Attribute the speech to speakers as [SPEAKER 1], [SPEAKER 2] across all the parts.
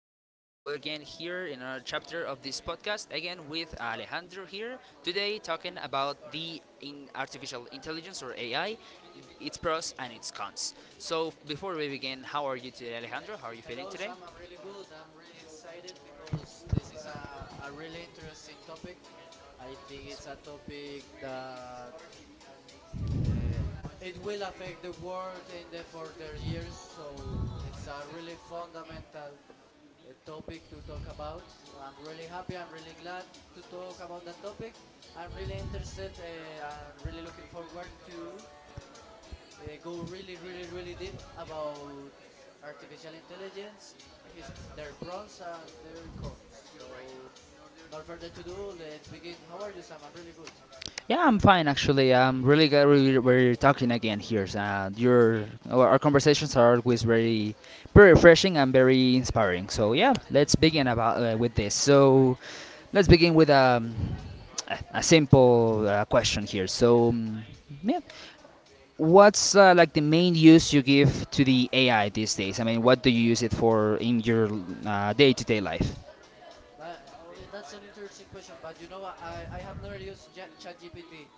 [SPEAKER 1] so we're, we're again here in our chapter of this podcast, again with Alejandro here today, talking about the in artificial intelligence or AI, its pros and its cons. So before we begin, how are you today, Alejandro? How are you feeling
[SPEAKER 2] Hello,
[SPEAKER 1] today?
[SPEAKER 2] Sam. I'm really good. I'm really excited because this is a really interesting topic. I think it's a topic that uh, it will affect the world in the further years. So it's a really fundamental topic to talk about. I'm really happy. I'm really glad to talk about that topic. I'm really interested and really looking forward to go really, really, really deep about artificial intelligence, his their pros and their cons. So, not further to do, let's begin. How are you, Sam? I'm really good.
[SPEAKER 1] Yeah, I'm fine actually. I'm really glad we're talking again here. And your our conversations are always very, very refreshing and very inspiring. So yeah,
[SPEAKER 2] Yeah.
[SPEAKER 1] let's begin about with this. So let's begin with a simple question here. So yeah, what's like the main use you give to the AI these days? I mean, what do you use it for in your day-to-day life?
[SPEAKER 2] Yeah, that's an interesting question. But you know, what, I have never used ChatGPT,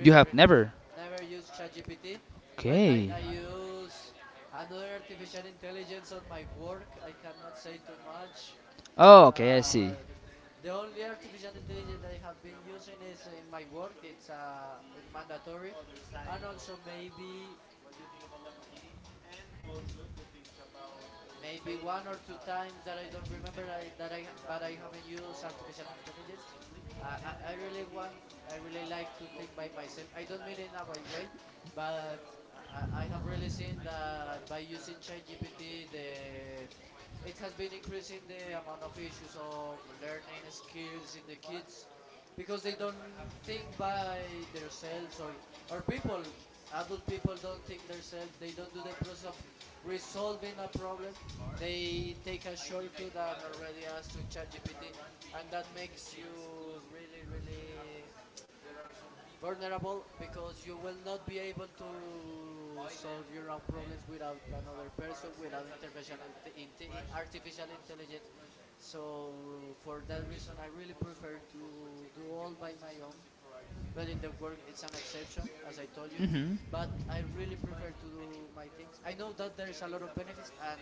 [SPEAKER 1] You have
[SPEAKER 2] really,
[SPEAKER 1] never.
[SPEAKER 2] never used ChatGPT. Well, I
[SPEAKER 1] Okay.
[SPEAKER 2] I use another artificial intelligence on my work. I cannot say too much,
[SPEAKER 1] Oh, okay, I see.
[SPEAKER 2] but the only artificial intelligence that I have been using is in my work. It's mandatory, and also maybe one or two times that I don't remember I, that I ha- but I haven't used artificial intelligence. I really want I really like to think by myself. I don't mean in a bad way, but I have really seen that by using ChatGPT the it has been increasing the amount of issues of learning skills in the kids because they don't think by themselves, or people, adult people, don't think themselves. They don't do the process of resolving a problem, they take a shortcut and already ask to ChatGPT, and that makes you really, really vulnerable because you will not be able to solve your own problems without another person, without artificial intelligence. So for that reason, I really prefer to do all by my own. Well, in the work, it's an exception, as I told you,
[SPEAKER 1] Mm-hmm.
[SPEAKER 2] but I really prefer to do my things. I know that there's a lot of benefits, and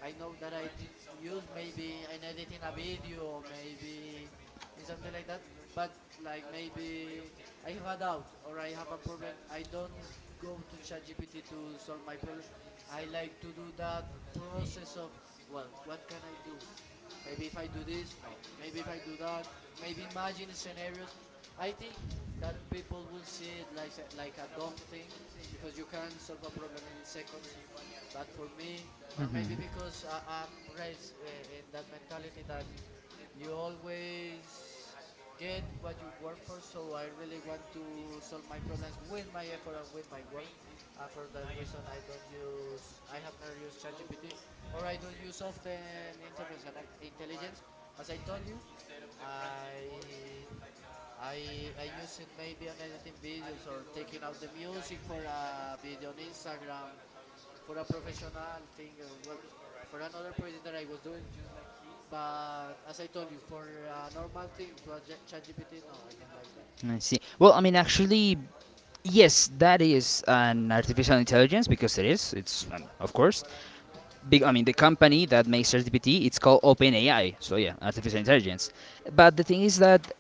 [SPEAKER 2] I know that I use maybe in editing a video, maybe in something like that. But like maybe I have a doubt or I have a problem. I don't go to ChatGPT to solve my problem. I like to do that process of, well, what can I do? Maybe if I do this, no. Maybe if I do that, maybe imagine scenarios. I think that people will see it like like a dumb thing because you can solve a problem in seconds, but for me, or maybe because I'm raised in that mentality that you always get what you work for, so I really want to solve my problems with my effort and with my work. And for that reason, I have never used ChatGPT, or I don't use often intelligence. As I told you, I I use it maybe on editing videos or taking out the music for a video on Instagram for a professional thing, for another project that I was doing. But as I told you, for a normal thing to a ChatGPT, no, I don't like that.
[SPEAKER 1] I see. Well, I mean, actually, yes, that is an artificial intelligence because it is. It's of course. Big. I mean, the company that makes ChatGPT, it's called OpenAI. So yeah, artificial intelligence. But the thing is that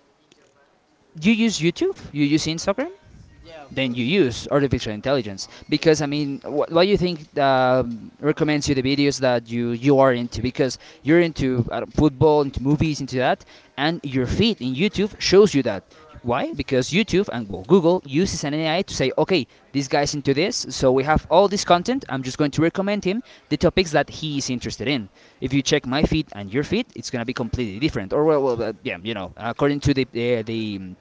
[SPEAKER 1] you use YouTube, you use Instagram,
[SPEAKER 2] Yeah, of
[SPEAKER 1] then you
[SPEAKER 2] course.
[SPEAKER 1] use artificial intelligence
[SPEAKER 2] Ah,
[SPEAKER 1] because
[SPEAKER 2] okay.
[SPEAKER 1] I mean, what do you think recommends you the videos that you are into? Because you're into football, into movies, into that, and your feed in YouTube shows you that. Why? Because YouTube and well, Google uses an AI to say, okay, this guy's into this, so we have all this content. I'm just going to recommend him the topics that he is interested in. If you check my feed and your feed, it's gonna be completely different. Or you know, according to the uh, the um,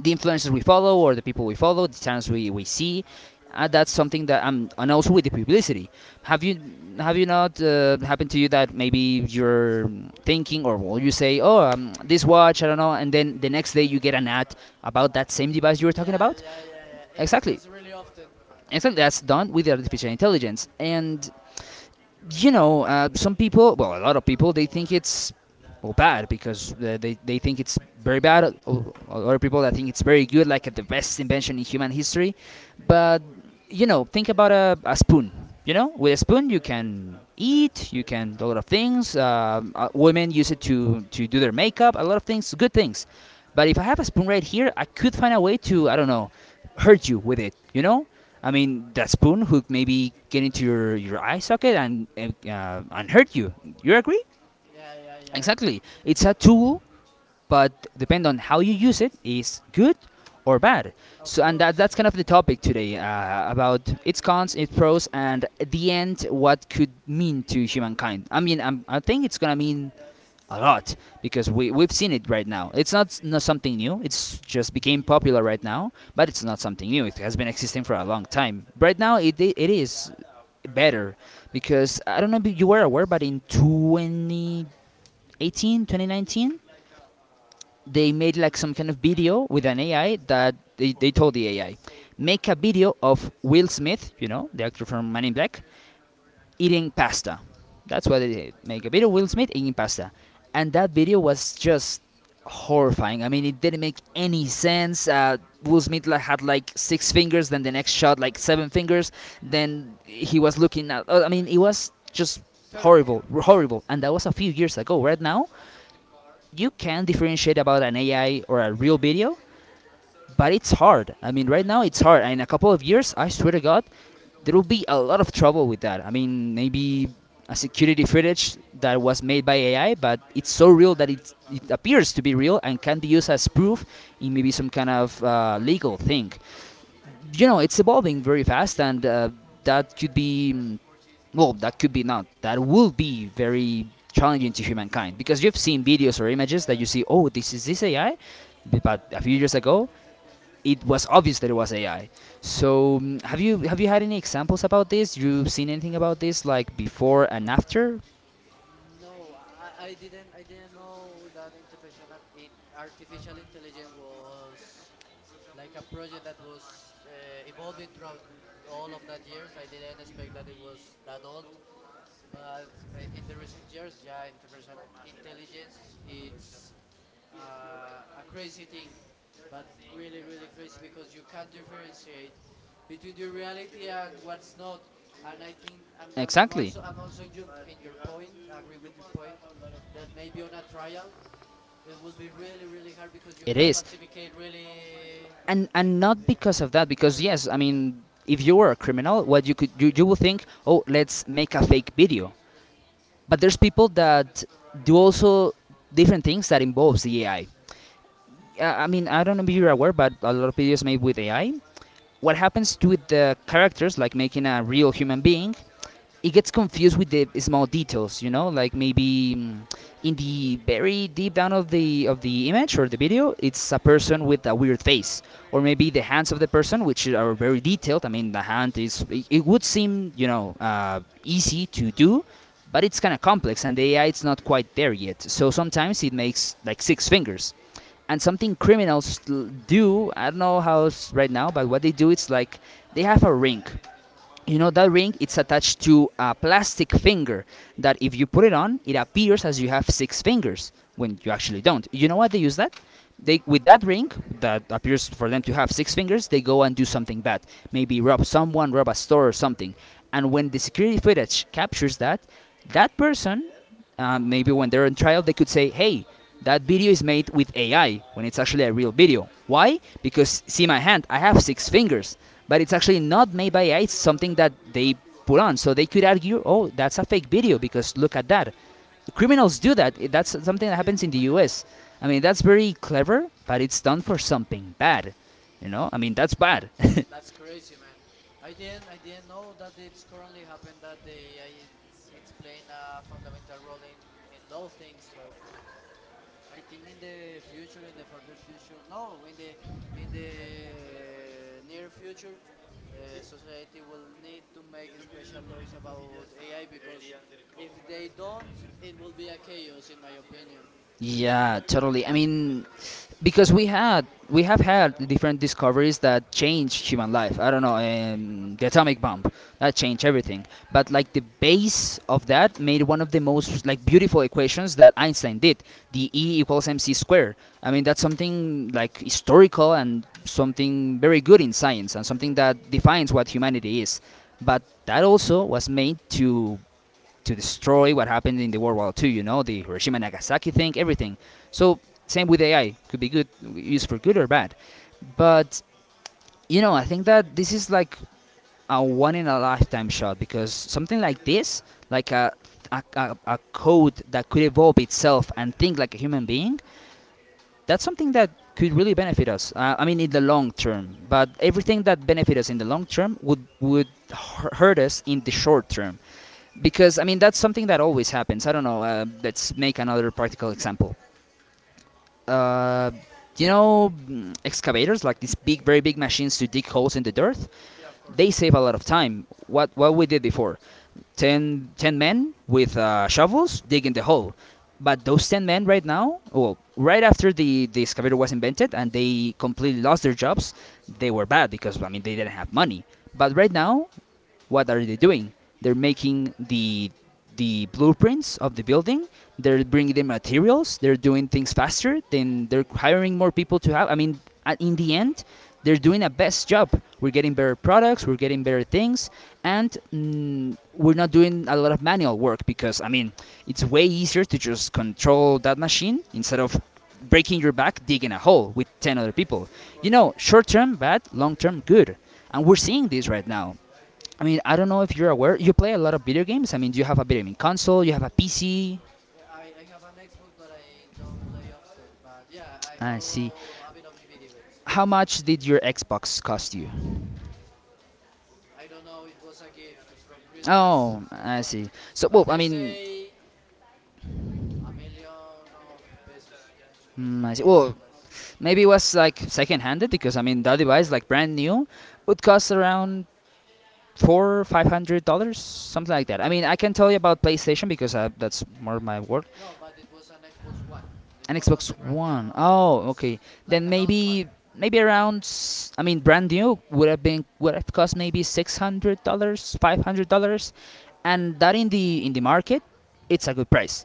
[SPEAKER 1] the influencers we follow or the people we follow, the channels we see. That's something that I'm, and also with the publicity. Have you have you not happened to you that maybe you're thinking or well, you say, oh, this watch, I don't know, and then the next day you get an ad about that same device you were
[SPEAKER 2] Yeah,
[SPEAKER 1] talking
[SPEAKER 2] yeah,
[SPEAKER 1] about?
[SPEAKER 2] yeah, yeah. It happens
[SPEAKER 1] Exactly,
[SPEAKER 2] really often.
[SPEAKER 1] exactly. That's done with the artificial intelligence, and you know, some people, well, a lot of people, they think it's well, bad because they think it's very bad. Other people that think it's very good, like the best invention in human history. But, you know, think about a spoon. You know, with a spoon, you can eat, you can do a lot of things. Women use it to do their makeup, a lot of things, good things. But if I have a spoon right here, I could find a way to, I don't know, hurt you with it, you know? I mean, that spoon hook maybe get into your eye socket and hurt you. You agree?
[SPEAKER 2] Yeah, yeah, yeah.
[SPEAKER 1] Exactly. It's a tool, but depend on how you use it is good or bad.
[SPEAKER 2] Of
[SPEAKER 1] So, and
[SPEAKER 2] course.
[SPEAKER 1] that's kind of the topic today about its cons, its pros, and at the end, what could mean to humankind. I mean, I think it's gonna mean a lot because we've seen it right now. It's not something new. It's just became popular right now, but it's not something new. It has been existing for a long time. Right now, it is better because I don't know if you were aware, but in 2018, 2019 they made like some kind of video with an AI that they told the AI, make a video of Will Smith, you know, the actor from Man in Black, eating pasta. That's what they did. Make a video of Will Smith eating pasta, and that video was just horrifying. I mean, it didn't make any sense. Will Smith, like, had like six fingers, then the next shot like seven fingers. Then he was looking at. I mean, it was just
[SPEAKER 2] Terrible.
[SPEAKER 1] horrible, horrible. And that was a few years ago. Right now, you can differentiate about an AI or a real video, but it's hard. I mean, right now it's hard. And in a couple of years, I swear to God, there will be a lot of trouble with that. I mean, maybe a security footage that was made by AI, but it's so real that it appears to be real and can be used as proof in maybe some kind of legal thing. You know, it's evolving very fast, and that could be, that could be not, that will be very challenging to humankind because you've seen videos or images that you see, oh, this is this AI, but a few years ago it was obvious that it was AI. So have you had any examples about this? You've seen anything about this like before and after?
[SPEAKER 2] No, I didn't know that artificial intelligence was like a project that was evolving throughout all of that years. I didn't expect that it was that old. But in the recent years, yeah, artificial intelligence it's a crazy thing, but really, really crazy because you can't differentiate between the reality and what's not. And I think
[SPEAKER 1] Exactly.
[SPEAKER 2] I'm also in in your point. I agree with your point that maybe on a trial it will be really, really hard because you
[SPEAKER 1] It
[SPEAKER 2] can
[SPEAKER 1] is.
[SPEAKER 2] falsificate really.
[SPEAKER 1] And not because of that because yes, I mean, if you were a criminal, what you could you will think, oh, let's make a fake video, but there's people that do also different things that involves the AI. I mean, I don't know if you're aware, but a lot of videos made with AI, what happens to the characters, like making a real human being, it gets confused with the small details, you know, like maybe in the very deep down of the image or the video, it's a person with a weird face, or maybe the hands of the person, which are very detailed. I mean, the hand is it, it would seem, you know, easy to do, but it's kind of complex, and the AI it's not quite there yet. So sometimes it makes like six fingers, and something criminals do, I don't know how it's right now, but what they do it's like they have a ring, you know, that ring it's attached to a plastic finger that if you put it on it appears as you have six fingers when you actually don't. You know what they use that, they with that ring that appears for them to have six fingers, they go and do something bad, maybe rob someone, rob a store or something, and when the security footage captures that, that person, maybe when they're on trial, they could say, hey, that video is made with AI when it's actually a real video. Why? Because see my hand, I have six fingers, but it's actually not made by AI, it's something that they put on. So they could argue, oh, that's a fake video because look at that. Criminals do that. That's something that happens in the US. I mean, that's very clever, but it's done for something bad. You know, I mean, that's bad.
[SPEAKER 2] That's crazy, man. I didn't know that it's currently happened that the AI it's playing a fundamental role in law things. So well, I think in the future, in the further future, no, in the near future, society will need to make special laws about AI because if they don't, it will be a chaos, in my opinion.
[SPEAKER 1] Yeah, totally. I mean, because we have had different discoveries that change human life. I don't know, the atomic bomb that changed everything. But like the base of that made one of the most like beautiful equations that Einstein did, the E equals mc squared. I mean, that's something like historical and something very good in science and something that defines what humanity is. But that also was made to destroy what happened in the World War Two, you know, the Hiroshima and Nagasaki thing, everything. So, same with AI, could be good, used for good or bad. But, you know, I think that this is like a one in a lifetime shot because something like this, like a code that could evolve itself and think like a human being, that's something that could really benefit us. I mean, in the long term. But everything that benefits us in the long term would hurt us in the short term because I mean that's something that always happens. I don't know. Let's make another practical example. Uh, you know, excavators like these big, very big machines to dig holes in the dirt.
[SPEAKER 2] Yeah,
[SPEAKER 1] They save a lot of time. What we did before, ten men with shovels digging the hole. But those ten men right now, well, right after the excavator was invented and they completely lost their jobs, they were bad because I mean they didn't have money. But right now, what are they doing? They're making the blueprints of the building. They're bringing the materials. They're doing things faster. Then they're hiring more people to have. I mean, in the end, they're doing a best job. We're getting better products. We're getting better things, and we're not doing a lot of manual work because I mean, it's way easier to just control that machine instead of breaking your back digging a hole with 10 other people.
[SPEAKER 2] of course.
[SPEAKER 1] You know, short term bad, long term good. And we're seeing this right now. I mean, I don't know if you're aware. You play a lot of video games. I mean, do you have a video game console? You have a PC.
[SPEAKER 2] Yeah, I have an Xbox, but I don't play often. But yeah, I
[SPEAKER 1] I see.
[SPEAKER 2] know a bit of video games.
[SPEAKER 1] How much did your Xbox cost you?
[SPEAKER 2] I don't know, it was a gift from Christmas,
[SPEAKER 1] Oh,
[SPEAKER 2] so I
[SPEAKER 1] I
[SPEAKER 2] don't know.
[SPEAKER 1] see.
[SPEAKER 2] But
[SPEAKER 1] So, well,
[SPEAKER 2] let's say a million of pesos,
[SPEAKER 1] I see.
[SPEAKER 2] more or
[SPEAKER 1] Well,
[SPEAKER 2] less.
[SPEAKER 1] maybe it was like second-handed because I mean that device, like brand new, would cost around four, $500, something like that. I mean, I can tell you about PlayStation because that's more my work.
[SPEAKER 2] No, but it was an Xbox One. It was
[SPEAKER 1] An
[SPEAKER 2] not the
[SPEAKER 1] Xbox
[SPEAKER 2] brand new,
[SPEAKER 1] One.
[SPEAKER 2] it
[SPEAKER 1] Oh,
[SPEAKER 2] was
[SPEAKER 1] okay.
[SPEAKER 2] like an
[SPEAKER 1] Then
[SPEAKER 2] old one.
[SPEAKER 1] maybe I mean, brand new would have been would have cost maybe $600, $500, and that in the market, it's a good price.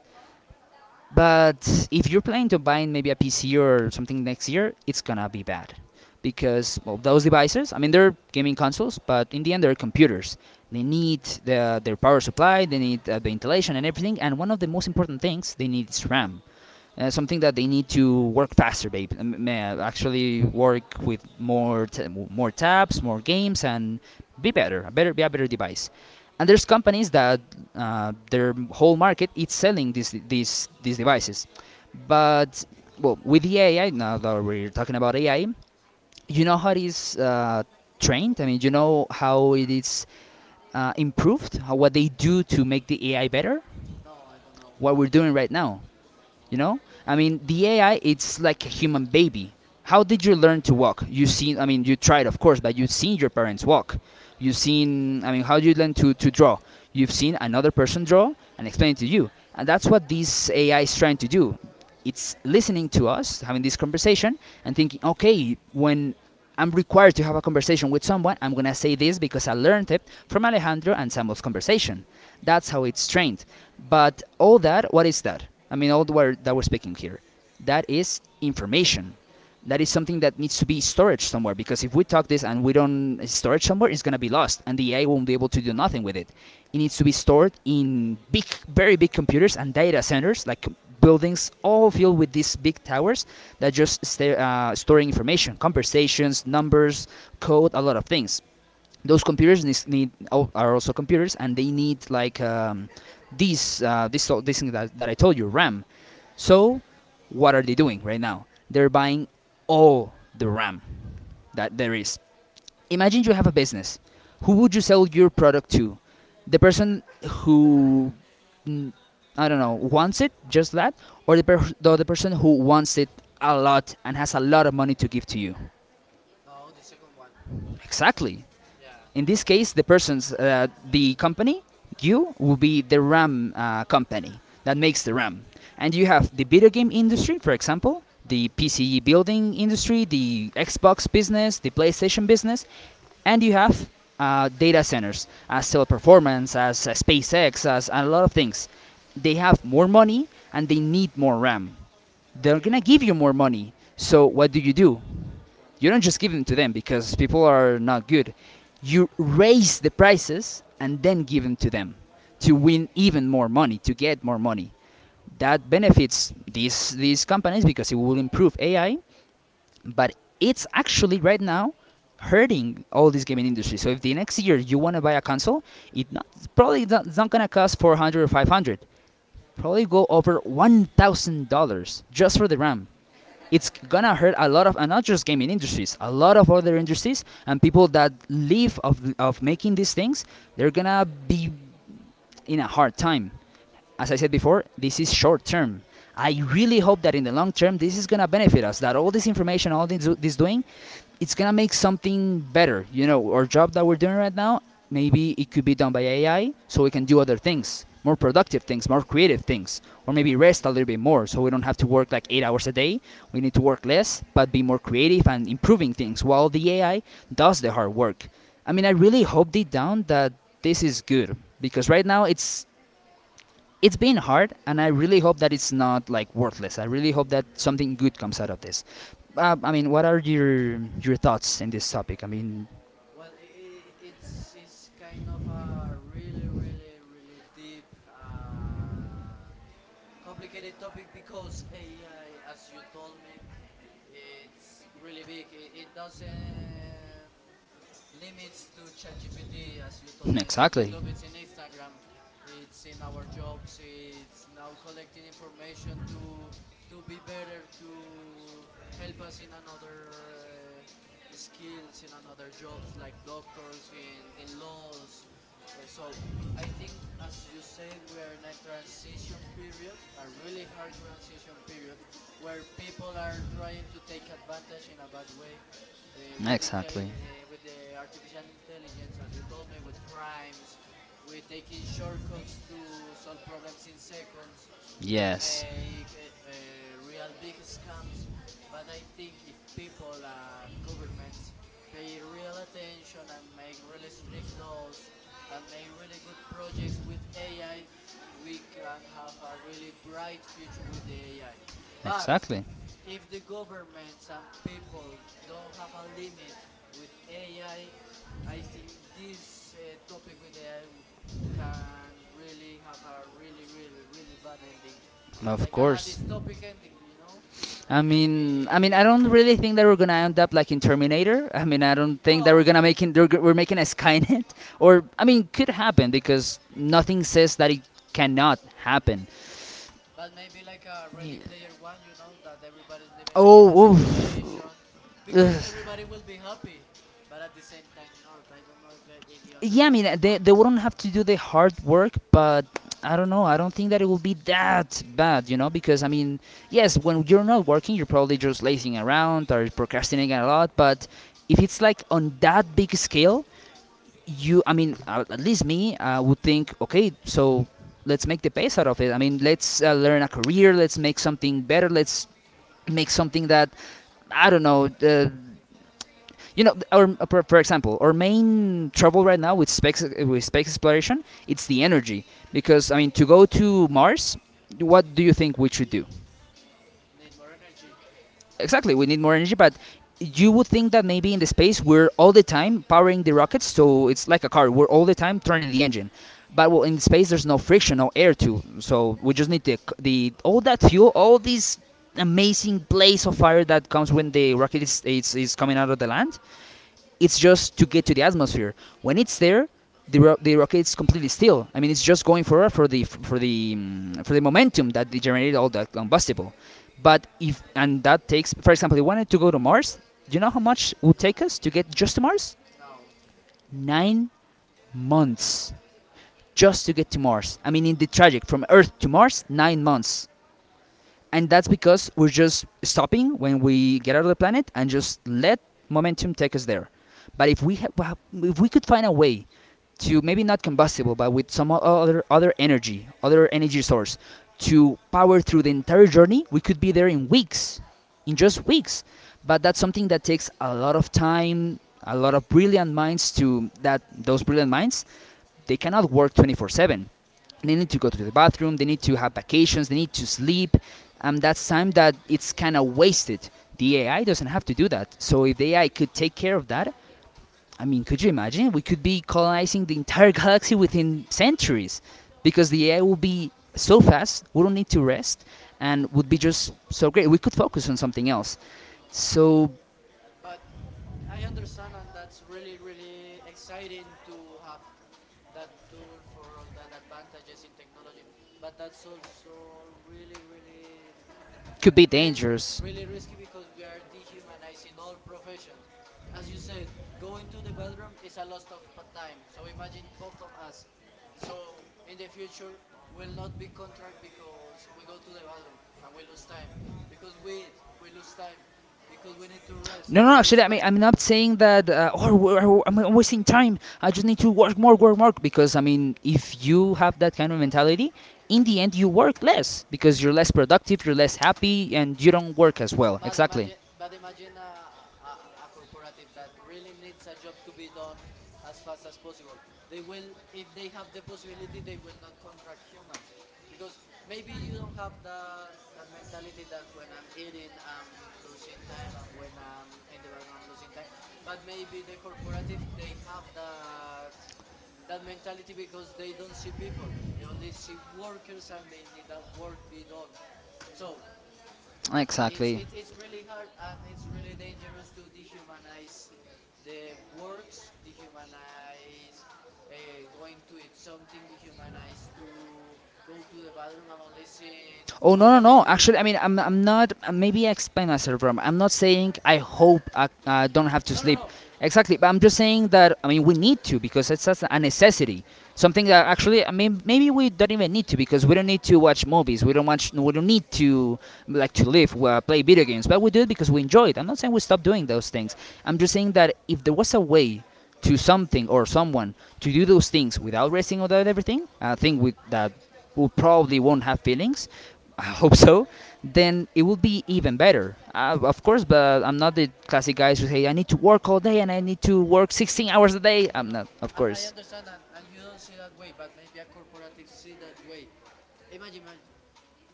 [SPEAKER 1] But if you're planning to buy maybe a PC or something next year, it's gonna be bad because well, those devices. I mean, they're gaming consoles, but in the end, they're computers. They need their power supply, they need the ventilation and everything. And one of the most important things they need is RAM, something that they need to work faster, babe. Actually, work with more tabs, more games, and be a better device. And there's companies that their whole market is selling these devices, but well, with the AI. Now that we're talking about AI, you know how it is trained. I mean, you know how it is improved, what they do to make the AI better.
[SPEAKER 2] No, I don't know.
[SPEAKER 1] What we're doing right now, you
[SPEAKER 2] Oh
[SPEAKER 1] know,
[SPEAKER 2] man.
[SPEAKER 1] I mean, the AI, it's like a human baby. How did you learn to walk? You seen, I mean, you tried, of course, but you've seen your parents walk. You've seen, I mean, how do you learn to draw? You've seen another person draw and explain it to you. And that's what this AI is trying to do. It's listening to us, having this conversation, and thinking, okay, when I'm required to have a conversation with someone, I'm gonna say this because I learned it from Alejandro and Samuel's conversation. That's how it's trained. But all that, what is that? I mean, all the word that we're speaking here, that is information. That is something that needs to be stored somewhere, because if we talk this and we don't store it somewhere, it's gonna be lost, and the AI won't be able to do nothing with it. It needs to be stored in big, very big computers and data centers, like buildings, all filled with these big towers that just stay, storing information, conversations, numbers, code, a lot of things. Those computers need, are also computers, and they need like these this thing that I told you, RAM. So, what are they doing right now? They're buying all the RAM that there is. Imagine you have a business. Who would you sell your product to? The person who, mm, I don't know, wants it, just that, or the other person who wants it a lot and has a lot of money to give to you.
[SPEAKER 2] No, the second one.
[SPEAKER 1] Exactly.
[SPEAKER 2] Yeah,
[SPEAKER 1] In this case, the persons, the company, you will be the RAM, company that makes the RAM, and you have the video game industry, for example, the PC building industry, the Xbox business, the PlayStation business, and you have data centers as teleperformance, as SpaceX, as a lot of things. They have more money and they need more RAM. They're
[SPEAKER 2] okay.
[SPEAKER 1] gonna give you more money. So what do? You don't just give them to them because people are not good. You raise the prices and then give them to them to win even more money, to get more money. That benefits these companies because it will improve AI, but it's actually right now hurting all this gaming industry. So if the next year you want to buy a console, it not, it's probably not, it's not gonna cost 400 or 500. Probably go over $1,000 just for the RAM. It's gonna hurt a lot of, and not just gaming industries, a lot of other industries and people that live of making these things. They're gonna be in a hard time. As I said before, this is short term. I really hope that in the long term this is gonna benefit us, that all this information, this doing, it's gonna make something better. You know, our job that we're doing right now, maybe it could be done by AI, so we can do other things, more productive things, more creative things, or
[SPEAKER 2] Yeah,
[SPEAKER 1] maybe
[SPEAKER 2] maybe.
[SPEAKER 1] rest a little bit more, so we don't have to work like 8 hours a day. We need to work less, but be more creative and improving things, while the AI does the hard work. I mean, I really hope deep down that this is good, because right now it's been hard, and I really hope that it's not like worthless. I really hope that something good comes out of this. I mean, what are your thoughts in this topic? I mean,
[SPEAKER 2] Well, I it's kind of a really, really, really deep and complicated topic because AI, as you told me, it's really big. It doesn't limits to ChatGPT, as you told me. It's in YouTube. It's in Instagram. It's in our jobs. It's now collecting information to be better, to help us in another skills, in another jobs like doctors, in laws. So I think, as you said, we are in a transition period, a really hard transition period, where people are trying to take advantage in a bad way with the with the artificial intelligence, as you told me, with crimes, with taking shortcuts to solve problems in seconds, to
[SPEAKER 1] yes.
[SPEAKER 2] make real big scams. But I think if people and governments pay real attention and make really strict laws and make really good projects with AI, we can have a really bright future with the AI. But
[SPEAKER 1] Exactly.
[SPEAKER 2] if the governments and people don't have a limit with AI, I think this topic with AI can really have a really, really, really bad ending.
[SPEAKER 1] Of
[SPEAKER 2] Like an a
[SPEAKER 1] course.
[SPEAKER 2] dystopic ending, you know? Like
[SPEAKER 1] I mean,
[SPEAKER 2] maybe.
[SPEAKER 1] I don't really think that we're gonna end up like in Terminator. I mean, I don't think that
[SPEAKER 2] No!
[SPEAKER 1] we're gonna making, we're making a Skynet, or I mean, could happen because nothing says that it cannot happen.
[SPEAKER 2] But maybe like a Ready Player One, you know? That everybody's living like in a
[SPEAKER 1] Oh,
[SPEAKER 2] simulation.
[SPEAKER 1] oof.
[SPEAKER 2] Because
[SPEAKER 1] Ugh.
[SPEAKER 2] everybody will be happy. But at the same time, not. I don't know if you understand
[SPEAKER 1] Yeah, I
[SPEAKER 2] my
[SPEAKER 1] mean,
[SPEAKER 2] point.
[SPEAKER 1] they wouldn't have to do the hard work, but I don't know. I don't think that it will be that bad, you know, because I mean, yes, when you're not working, you're probably just lazing around or procrastinating a lot, but if it's like on that big scale, you, I mean, at least me, I would think, okay, so let's make the best out of it. I mean, let's learn a career, let's make something better, let's make something that I don't know, you know, our example, our main trouble right now with space exploration, it's the energy. Because I mean, to go to Mars, what do you think we should do?
[SPEAKER 2] Need more energy.
[SPEAKER 1] Exactly, we need more energy, but you would think that maybe in the space we're all the time powering the rockets, so it's like a car. We're all the time turning the engine. But well, in space there's no friction, no air too, so we just need the all that fuel, all this amazing blaze of fire that comes when the rocket is coming out of the land, it's just to get to the atmosphere. When it's there, the rocket's completely still. I mean, it's just going for the for the momentum that generated all that combustible. But if, and that takes, for example, if we wanted to go to Mars. Do you know how much it would take us to get just to Mars?
[SPEAKER 2] Now.
[SPEAKER 1] 9 months just to get to Mars. I mean, in the traject from Earth to Mars, 9 months. And that's because we're just stopping when we get out of the planet and just let momentum take us there. But if we could find a way to maybe not combustible, but with some other energy source, to power through the entire journey, we could be there in weeks, in just weeks. But that's something that takes a lot of time, a lot of brilliant minds to that, those brilliant minds, they cannot work 24/7. They need to go to the bathroom, they need to have vacations, they need to sleep, and that's time that it's kind of wasted. The AI doesn't have to do that. So if the AI could take care of that, I mean, could you imagine? We could be colonizing the entire galaxy within centuries because the AI will be so fast, we don't need to rest, and would be just so great. We could focus on something else. So
[SPEAKER 2] But I understand, and that's really, really exciting to have that tool for all that advantages in technology. But that's also really, really
[SPEAKER 1] could be
[SPEAKER 2] Re-
[SPEAKER 1] dangerous.
[SPEAKER 2] really risky because we are dehumanizing all professions. As you said, going to the bathroom is a loss of time. So imagine both of us. So in the future, will not be contract because we go to the bathroom and we lose time. Because we eat, we lose time. Because we need to rest,
[SPEAKER 1] No, no,
[SPEAKER 2] we lose
[SPEAKER 1] actually, I mean,
[SPEAKER 2] time.
[SPEAKER 1] I'm not saying that, I'm wasting time. I just need to work more, work more. Because, I mean, if you have that kind of mentality, in the end, you work less because you're less productive, you're less happy and you don't work as well. But
[SPEAKER 2] But imagine a corporative that really needs a job to be done as fast as possible. They will, if they have the possibility, they will not contract humans because maybe you don't have that that mentality that when I'm eating, I'm losing time, and when I'm in the bathroom, I'm losing time. But maybe the corporative, they have that that mentality because they don't see people. They only see workers, and they need that work be done. So
[SPEAKER 1] exactly.
[SPEAKER 2] it's really hard and it's really dangerous to dehumanize the works, dehumanize going to eat something, dehumanize to go to the bathroom. I'm listen.
[SPEAKER 1] Oh
[SPEAKER 2] How
[SPEAKER 1] no, no,
[SPEAKER 2] can I
[SPEAKER 1] no!
[SPEAKER 2] do?
[SPEAKER 1] Actually, I mean I'm not. Maybe I explain myself wrong. I'm not saying I hope I, don't have to
[SPEAKER 2] No, no,
[SPEAKER 1] sleep.
[SPEAKER 2] no.
[SPEAKER 1] Exactly, but I'm just saying that I mean we need to, because it's just a necessity. Something that actually I mean maybe we don't even need to, because we don't need to watch movies. We don't watch. We don't need to like to live. Play video games, but we do it because we enjoy it. I'm not saying we stop doing those
[SPEAKER 2] Yeah,
[SPEAKER 1] things. I'm just saying that if there was a way to something or someone to do those things without resting, without everything, I think with that we probably won't have feelings. I hope so, then it will be even better. Of course, but I'm not the classic guys who say I need to work all day and I need to work 16 hours a day.
[SPEAKER 2] no,
[SPEAKER 1] I'm
[SPEAKER 2] no.
[SPEAKER 1] not, of
[SPEAKER 2] And I
[SPEAKER 1] course.
[SPEAKER 2] understand, and you don't see that way, but maybe a corporative see that way. imagine-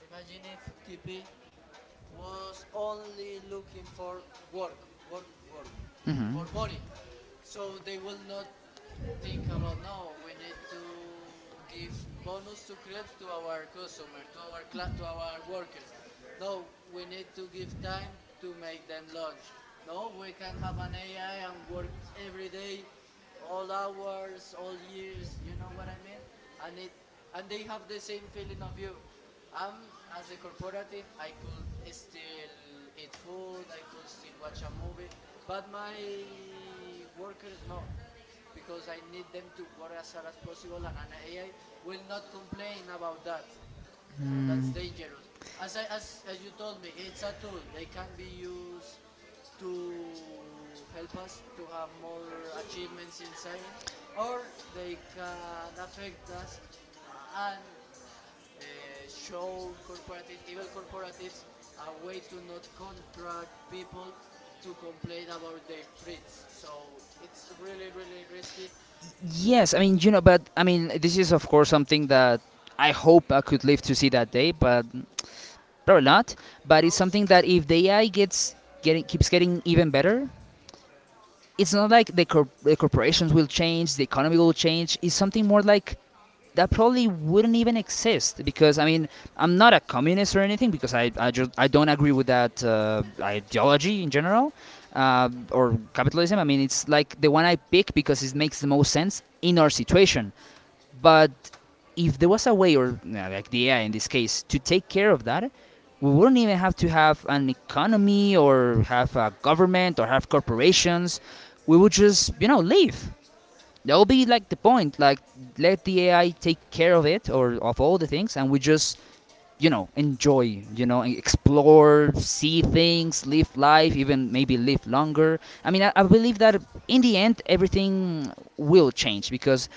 [SPEAKER 2] Imagine if TP was only looking for work, work, work, for money. So they will not think about, no, we need to give bonus to crepes to our customer to our to our workers. No, we need to give time to make them lunch. No, we can have an AI and work every day, all hours, all years, you know what I mean. And it, and they have the same feeling of you, um as the corporative. I could still eat food, I could still watch a movie, but my workers not, because I need them to work as hard as possible, and an AI will not complain about that. So that's dangerous. As I as you told me, it's a tool. They can be used to help us to have more achievements in science, or they can affect us and show corporative, evil corporatives, a way to not contract people, to complain about their threats. So it's really really risky.
[SPEAKER 1] Yes, I mean, you know, but I mean, this is of course something that I hope I could live to see that day, but probably not.
[SPEAKER 2] Who
[SPEAKER 1] But it's
[SPEAKER 2] knows?
[SPEAKER 1] something that if the AI gets getting keeps getting even better, it's not like the corporations will change, the economy will change. It's something more like that probably wouldn't even exist because I mean I'm not a communist or anything because I don't agree with that ideology in general
[SPEAKER 2] Yeah.
[SPEAKER 1] uh, or capitalism. I mean it's like the one I pick because it makes the most sense in our situation. But if there was a way or no, like the AI in this case to take care of that, we wouldn't even have to have an economy or have a government or have corporations. We would just live. That'll be like the point, like let the AI take care of it or of all the things, and we just enjoy, explore, see things, live life, even maybe live longer. I mean I believe that in the end everything will change because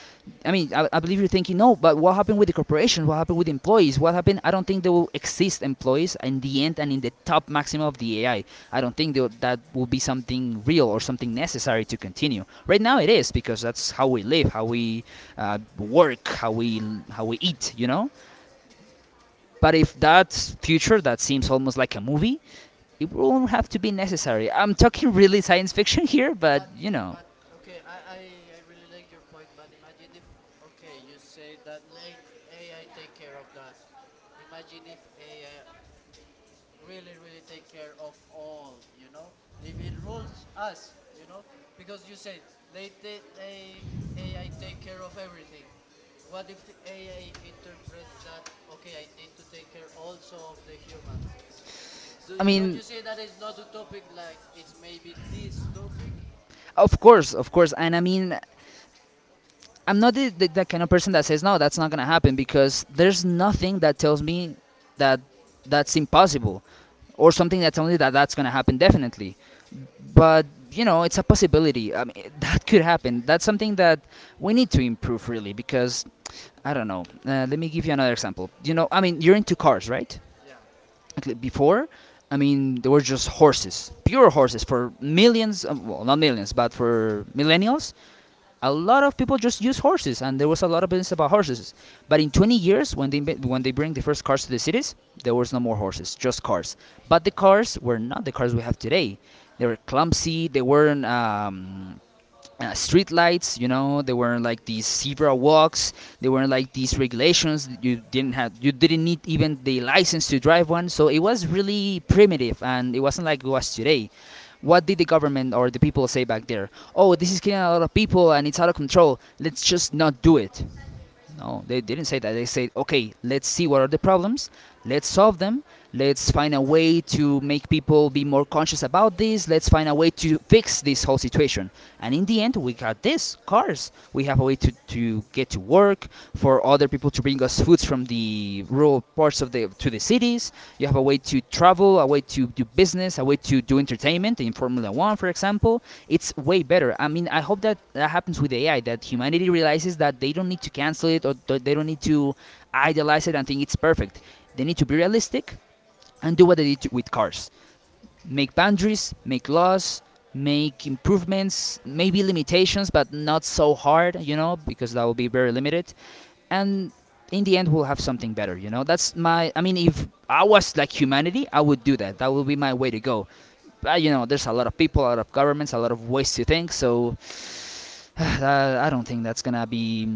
[SPEAKER 1] I mean, I believe you're thinking, no, but what happened with the corporations? What happened with employees? What happened? I don't think there will exist employees in the end and in the top maximum of the AI. I don't think that that will be something real or something necessary to continue. Right now, it is because that's how we live, how we work, how we eat, you know. But if that's future, that seems almost like a movie. It won't have to be necessary. I'm talking really science fiction here,
[SPEAKER 2] But
[SPEAKER 1] but you know,
[SPEAKER 2] but okay, I really like your point. But imagine if, okay, you say that let AI take care of that. Imagine if AI really really take care of all. You know, if it rules us, you know, because you say let let AI take care of everything. What if the AI interprets that, okay, I need to take care also of the humans?
[SPEAKER 1] I
[SPEAKER 2] Don't you
[SPEAKER 1] mean.
[SPEAKER 2] see that it's not a topic like it's maybe this topic.
[SPEAKER 1] Of course, of course. And I mean, I'm not the kind of person that says, no, that's not going to happen because there's nothing that tells me that that's impossible or something that tells me that that's going to happen definitely. But, you know, it's a possibility. I mean, that could happen. That's something that we need to improve really because, I don't know. Let me give you another example. You know, I mean, you're into cars, right?
[SPEAKER 2] Yeah,
[SPEAKER 1] Like, before, I mean, there were just horses, pure horses for millions, of, well, not millions, but for millennials, a lot of people just use horses, and there was a lot of business about horses. But in 20 years, when they bring the first cars to the cities, there was no more horses, just cars. But the cars were not the cars we have today. They were clumsy. They weren't. Street lights, you know, they weren't like these zebra walks, they weren't like these regulations. You didn't have, you didn't need even the license to drive one, so it was really primitive and it wasn't like it was today. What did the government or the people say back there? Oh, this is killing a lot of people and it's out of control. Let's just not do it. No, they didn't say that. They said, okay, let's see what are the problems, let's solve them, let's find a way to make people be more conscious about this, let's find a way to fix this whole situation. And in the end, we got this cars. We have a way to get to work, for other people to bring us foods from the rural parts of the to the cities. You have a way to travel, a way to do business, a way to do entertainment in Formula One, for example, it's way better. I mean, I hope that that happens with AI, that humanity realizes that they don't need to cancel it or they don't need to idealize it and think it's perfect. They need to be realistic and do what they did with cars, make boundaries, make laws, make improvements, maybe limitations, but not so hard, you know, because that will be very limited. And in the end, we'll have something better, you know. That's my. I mean, if I was like humanity, I would do that. That would be my way to go. But, you know, there's a lot of people, a lot of governments, a lot of ways to think. So I don't think that's gonna be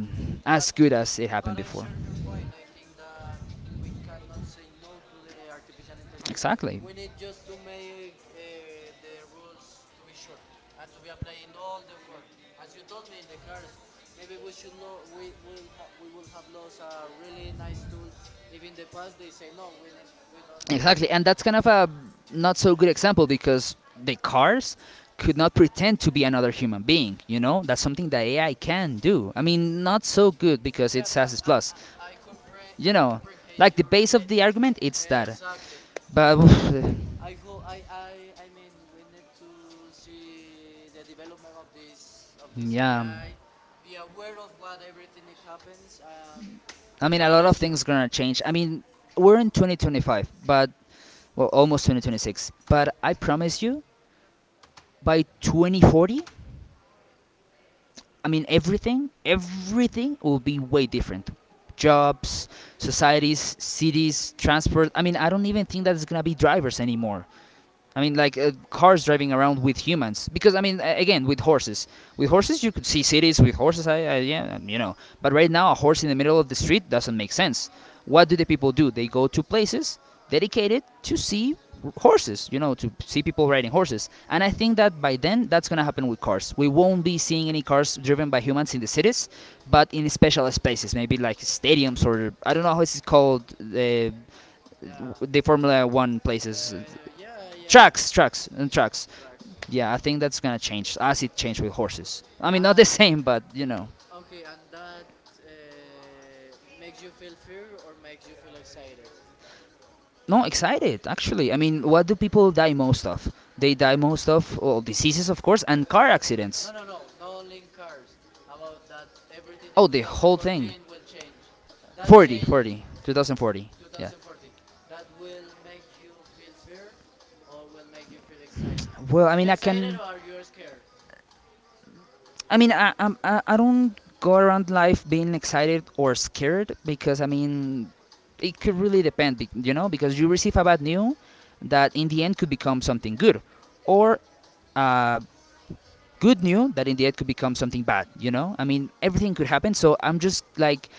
[SPEAKER 2] but
[SPEAKER 1] as good as it
[SPEAKER 2] but
[SPEAKER 1] happened
[SPEAKER 2] I
[SPEAKER 1] before.
[SPEAKER 2] share your point. I think that we cannot say no to the artificial intelligence.
[SPEAKER 1] Exactly.
[SPEAKER 2] We need just to make the rules to be sure and to be applied in all the world. As you told me in the cars, maybe we should we will have lost a really nice tool. If in the past they say no, we need, we don't.
[SPEAKER 1] Exactly, and that's kind of a not so good example because the cars could not pretend to be another human being, you know, that's something that AI can do. I mean, not so good because
[SPEAKER 2] Yeah,
[SPEAKER 1] it
[SPEAKER 2] but
[SPEAKER 1] has its plus. You
[SPEAKER 2] I
[SPEAKER 1] know,
[SPEAKER 2] comprehend
[SPEAKER 1] like the
[SPEAKER 2] your
[SPEAKER 1] base of the argument, it's that,
[SPEAKER 2] exactly,
[SPEAKER 1] but
[SPEAKER 2] but I hope I mean we need to see the development of this
[SPEAKER 1] yeah,
[SPEAKER 2] AI, be aware of what everything it happens and
[SPEAKER 1] I
[SPEAKER 2] be
[SPEAKER 1] mean a
[SPEAKER 2] really
[SPEAKER 1] lot of
[SPEAKER 2] sure.
[SPEAKER 1] things gonna change. I mean we're in 2025, but well, almost 2026, but I promise you by 2040, I mean, everything, everything will be way different. Jobs, societies, cities, transport. I mean, I don't even think that it's gonna be drivers anymore. I mean, like cars driving around with humans. Because I mean, again, with horses. With horses, you could see cities. With horses, I yeah, you know. But right now, a horse in the middle of the street doesn't make sense. What do the people do? They go to places dedicated to see horses. You know, to see people riding horses. And I think that by then, that's gonna happen with cars. We won't be seeing any cars driven by humans in the cities, but in special spaces, maybe like stadiums or I don't know how it's called.
[SPEAKER 2] Yeah.
[SPEAKER 1] The Formula One places,
[SPEAKER 2] Yeah,
[SPEAKER 1] trucks, trucks, and trucks.
[SPEAKER 2] tracks.
[SPEAKER 1] Yeah, I think that's gonna change. As it changed with horses. I mean,
[SPEAKER 2] Uh,
[SPEAKER 1] not the same, but you know.
[SPEAKER 2] okay, and that makes you feel fear or makes you feel excited.
[SPEAKER 1] No, excited actually. I mean, what do people die most of? They die most of, well, diseases, of course, and car
[SPEAKER 2] No no
[SPEAKER 1] accidents.
[SPEAKER 2] no, not only in cars, about that everything in
[SPEAKER 1] Oh, the whole
[SPEAKER 2] 2014
[SPEAKER 1] thing.
[SPEAKER 2] will change. That
[SPEAKER 1] 40,
[SPEAKER 2] change
[SPEAKER 1] forty, 2040. Yeah.
[SPEAKER 2] 2040, that will make you feel fear or will make you feel excitement, are
[SPEAKER 1] Well,
[SPEAKER 2] you
[SPEAKER 1] I mean, I
[SPEAKER 2] excited or
[SPEAKER 1] can.
[SPEAKER 2] are you scared?
[SPEAKER 1] I mean, I, I'm- I don't go around life being excited or scared because I mean, it could really depend, you know, because you receive a bad news that in the end could become something good, or uh, good news that in the end could become something bad. You know, I mean, everything could happen. So I'm just like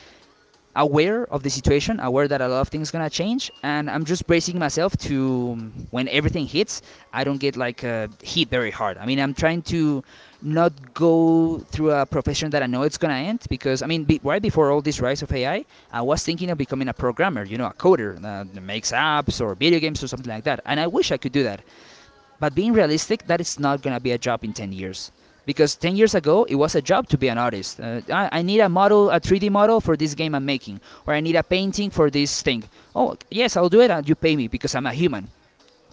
[SPEAKER 1] aware of the situation, aware that a lot of things gonna change, and I'm just bracing myself to when everything hits, I don't get like hit very hard. I mean, I'm trying to not go through a profession that I know it's gonna end because I mean, right before all this rise of AI, I was thinking of becoming a programmer, you know, a coder that makes apps or video games or something like that, and I wish I could do that. But being realistic, that is not going to be a job in 10 years. Because 10 years ago, it was a job to be an artist. I need a model, a 3D model for this game I'm making, or I need a painting for this thing. Oh, yes, I'll do it, and you pay me because I'm a human.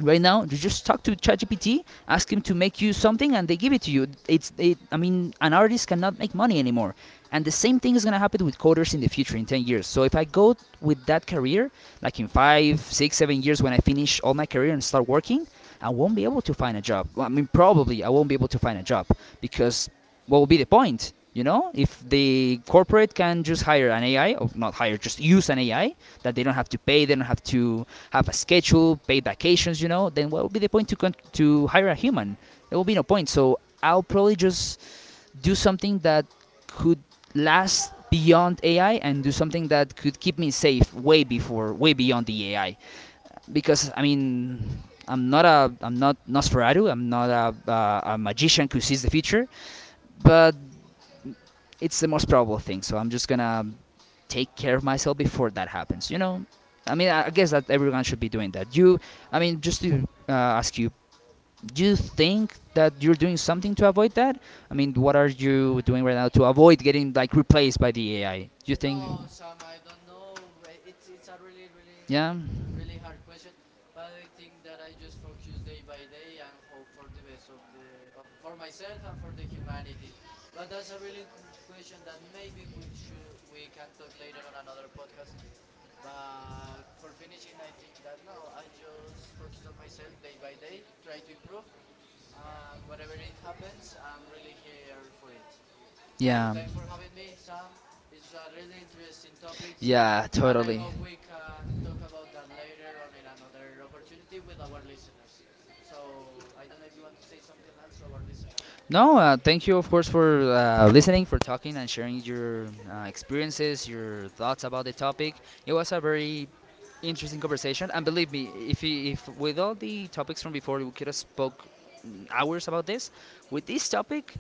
[SPEAKER 1] Right now, you just talk to ChatGPT, ask him to make you something and they give it to you. I mean, an artist cannot make money anymore. And the same thing is going to happen with coders in the future in 10 years. So if I go with that career, like in 5, 6, 7 years when I finish all my career and start working, I won't be able to find a job. Well, I mean probably I won't be able to find a job, because what will be the point, you know, if the corporate can just hire an AI, or not hire, just use an AI that they don't have to pay, they don't have to have a schedule, paid vacations. You know, then what would be the point to to hire a human? There will be no point. So I'll probably just do something that could last beyond AI and do something that could keep me safe way before, way beyond the AI. Because I mean, I'm not a, I'm not Nosferatu. I'm not a magician who sees the future. But it's the most probable thing. So I'm just gonna take care of myself before that happens. You know, I mean, I
[SPEAKER 2] Yeah,
[SPEAKER 1] I guess that everyone should be doing that. You, I mean, just to ask you, do you think that you're doing something to avoid that? I mean, what are you doing right now to avoid getting like replaced by the AI? Do you think?
[SPEAKER 2] no, Sam, I don't know. It's a really really
[SPEAKER 1] Yeah.
[SPEAKER 2] really hard question, but I think that I just focus day by day and hope for the best of, for myself and for the humanity, but that's a really good question that maybe we can talk later on another podcast. But for finishing, I think that no, I just focus on myself day by day, try to improve, and whatever it happens, I'm really here for it. So
[SPEAKER 1] Yeah.
[SPEAKER 2] thanks for having me, Sam. It was a really interesting topic,
[SPEAKER 1] Yeah,
[SPEAKER 2] and I
[SPEAKER 1] totally.
[SPEAKER 2] hope we can talk about that later on in another opportunity with our listeners. So I don't know if you want to say something else to our listeners.
[SPEAKER 1] No, thank you, of course, for listening, for talking and sharing your experiences, your thoughts about the topic. It was a very interesting conversation, and believe me, if if with all the topics from before, we could have spoke hours about this. With this topic,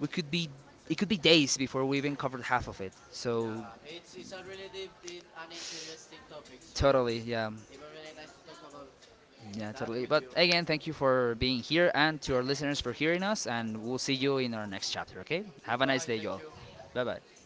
[SPEAKER 1] we could be it could be days before we even covered half of it. So
[SPEAKER 2] Yeah, it's a really deep, deep and interesting topic. So
[SPEAKER 1] totally, yeah,
[SPEAKER 2] it was really nice to talk about
[SPEAKER 1] yeah,
[SPEAKER 2] that
[SPEAKER 1] totally.
[SPEAKER 2] with
[SPEAKER 1] But
[SPEAKER 2] you.
[SPEAKER 1] again, thank you for being here and to our listeners for hearing us, and we'll see you in our next chapter. Okay, have a nice
[SPEAKER 2] Goodbye.
[SPEAKER 1] day,
[SPEAKER 2] Thank
[SPEAKER 1] y'all.
[SPEAKER 2] you.
[SPEAKER 1] Bye bye.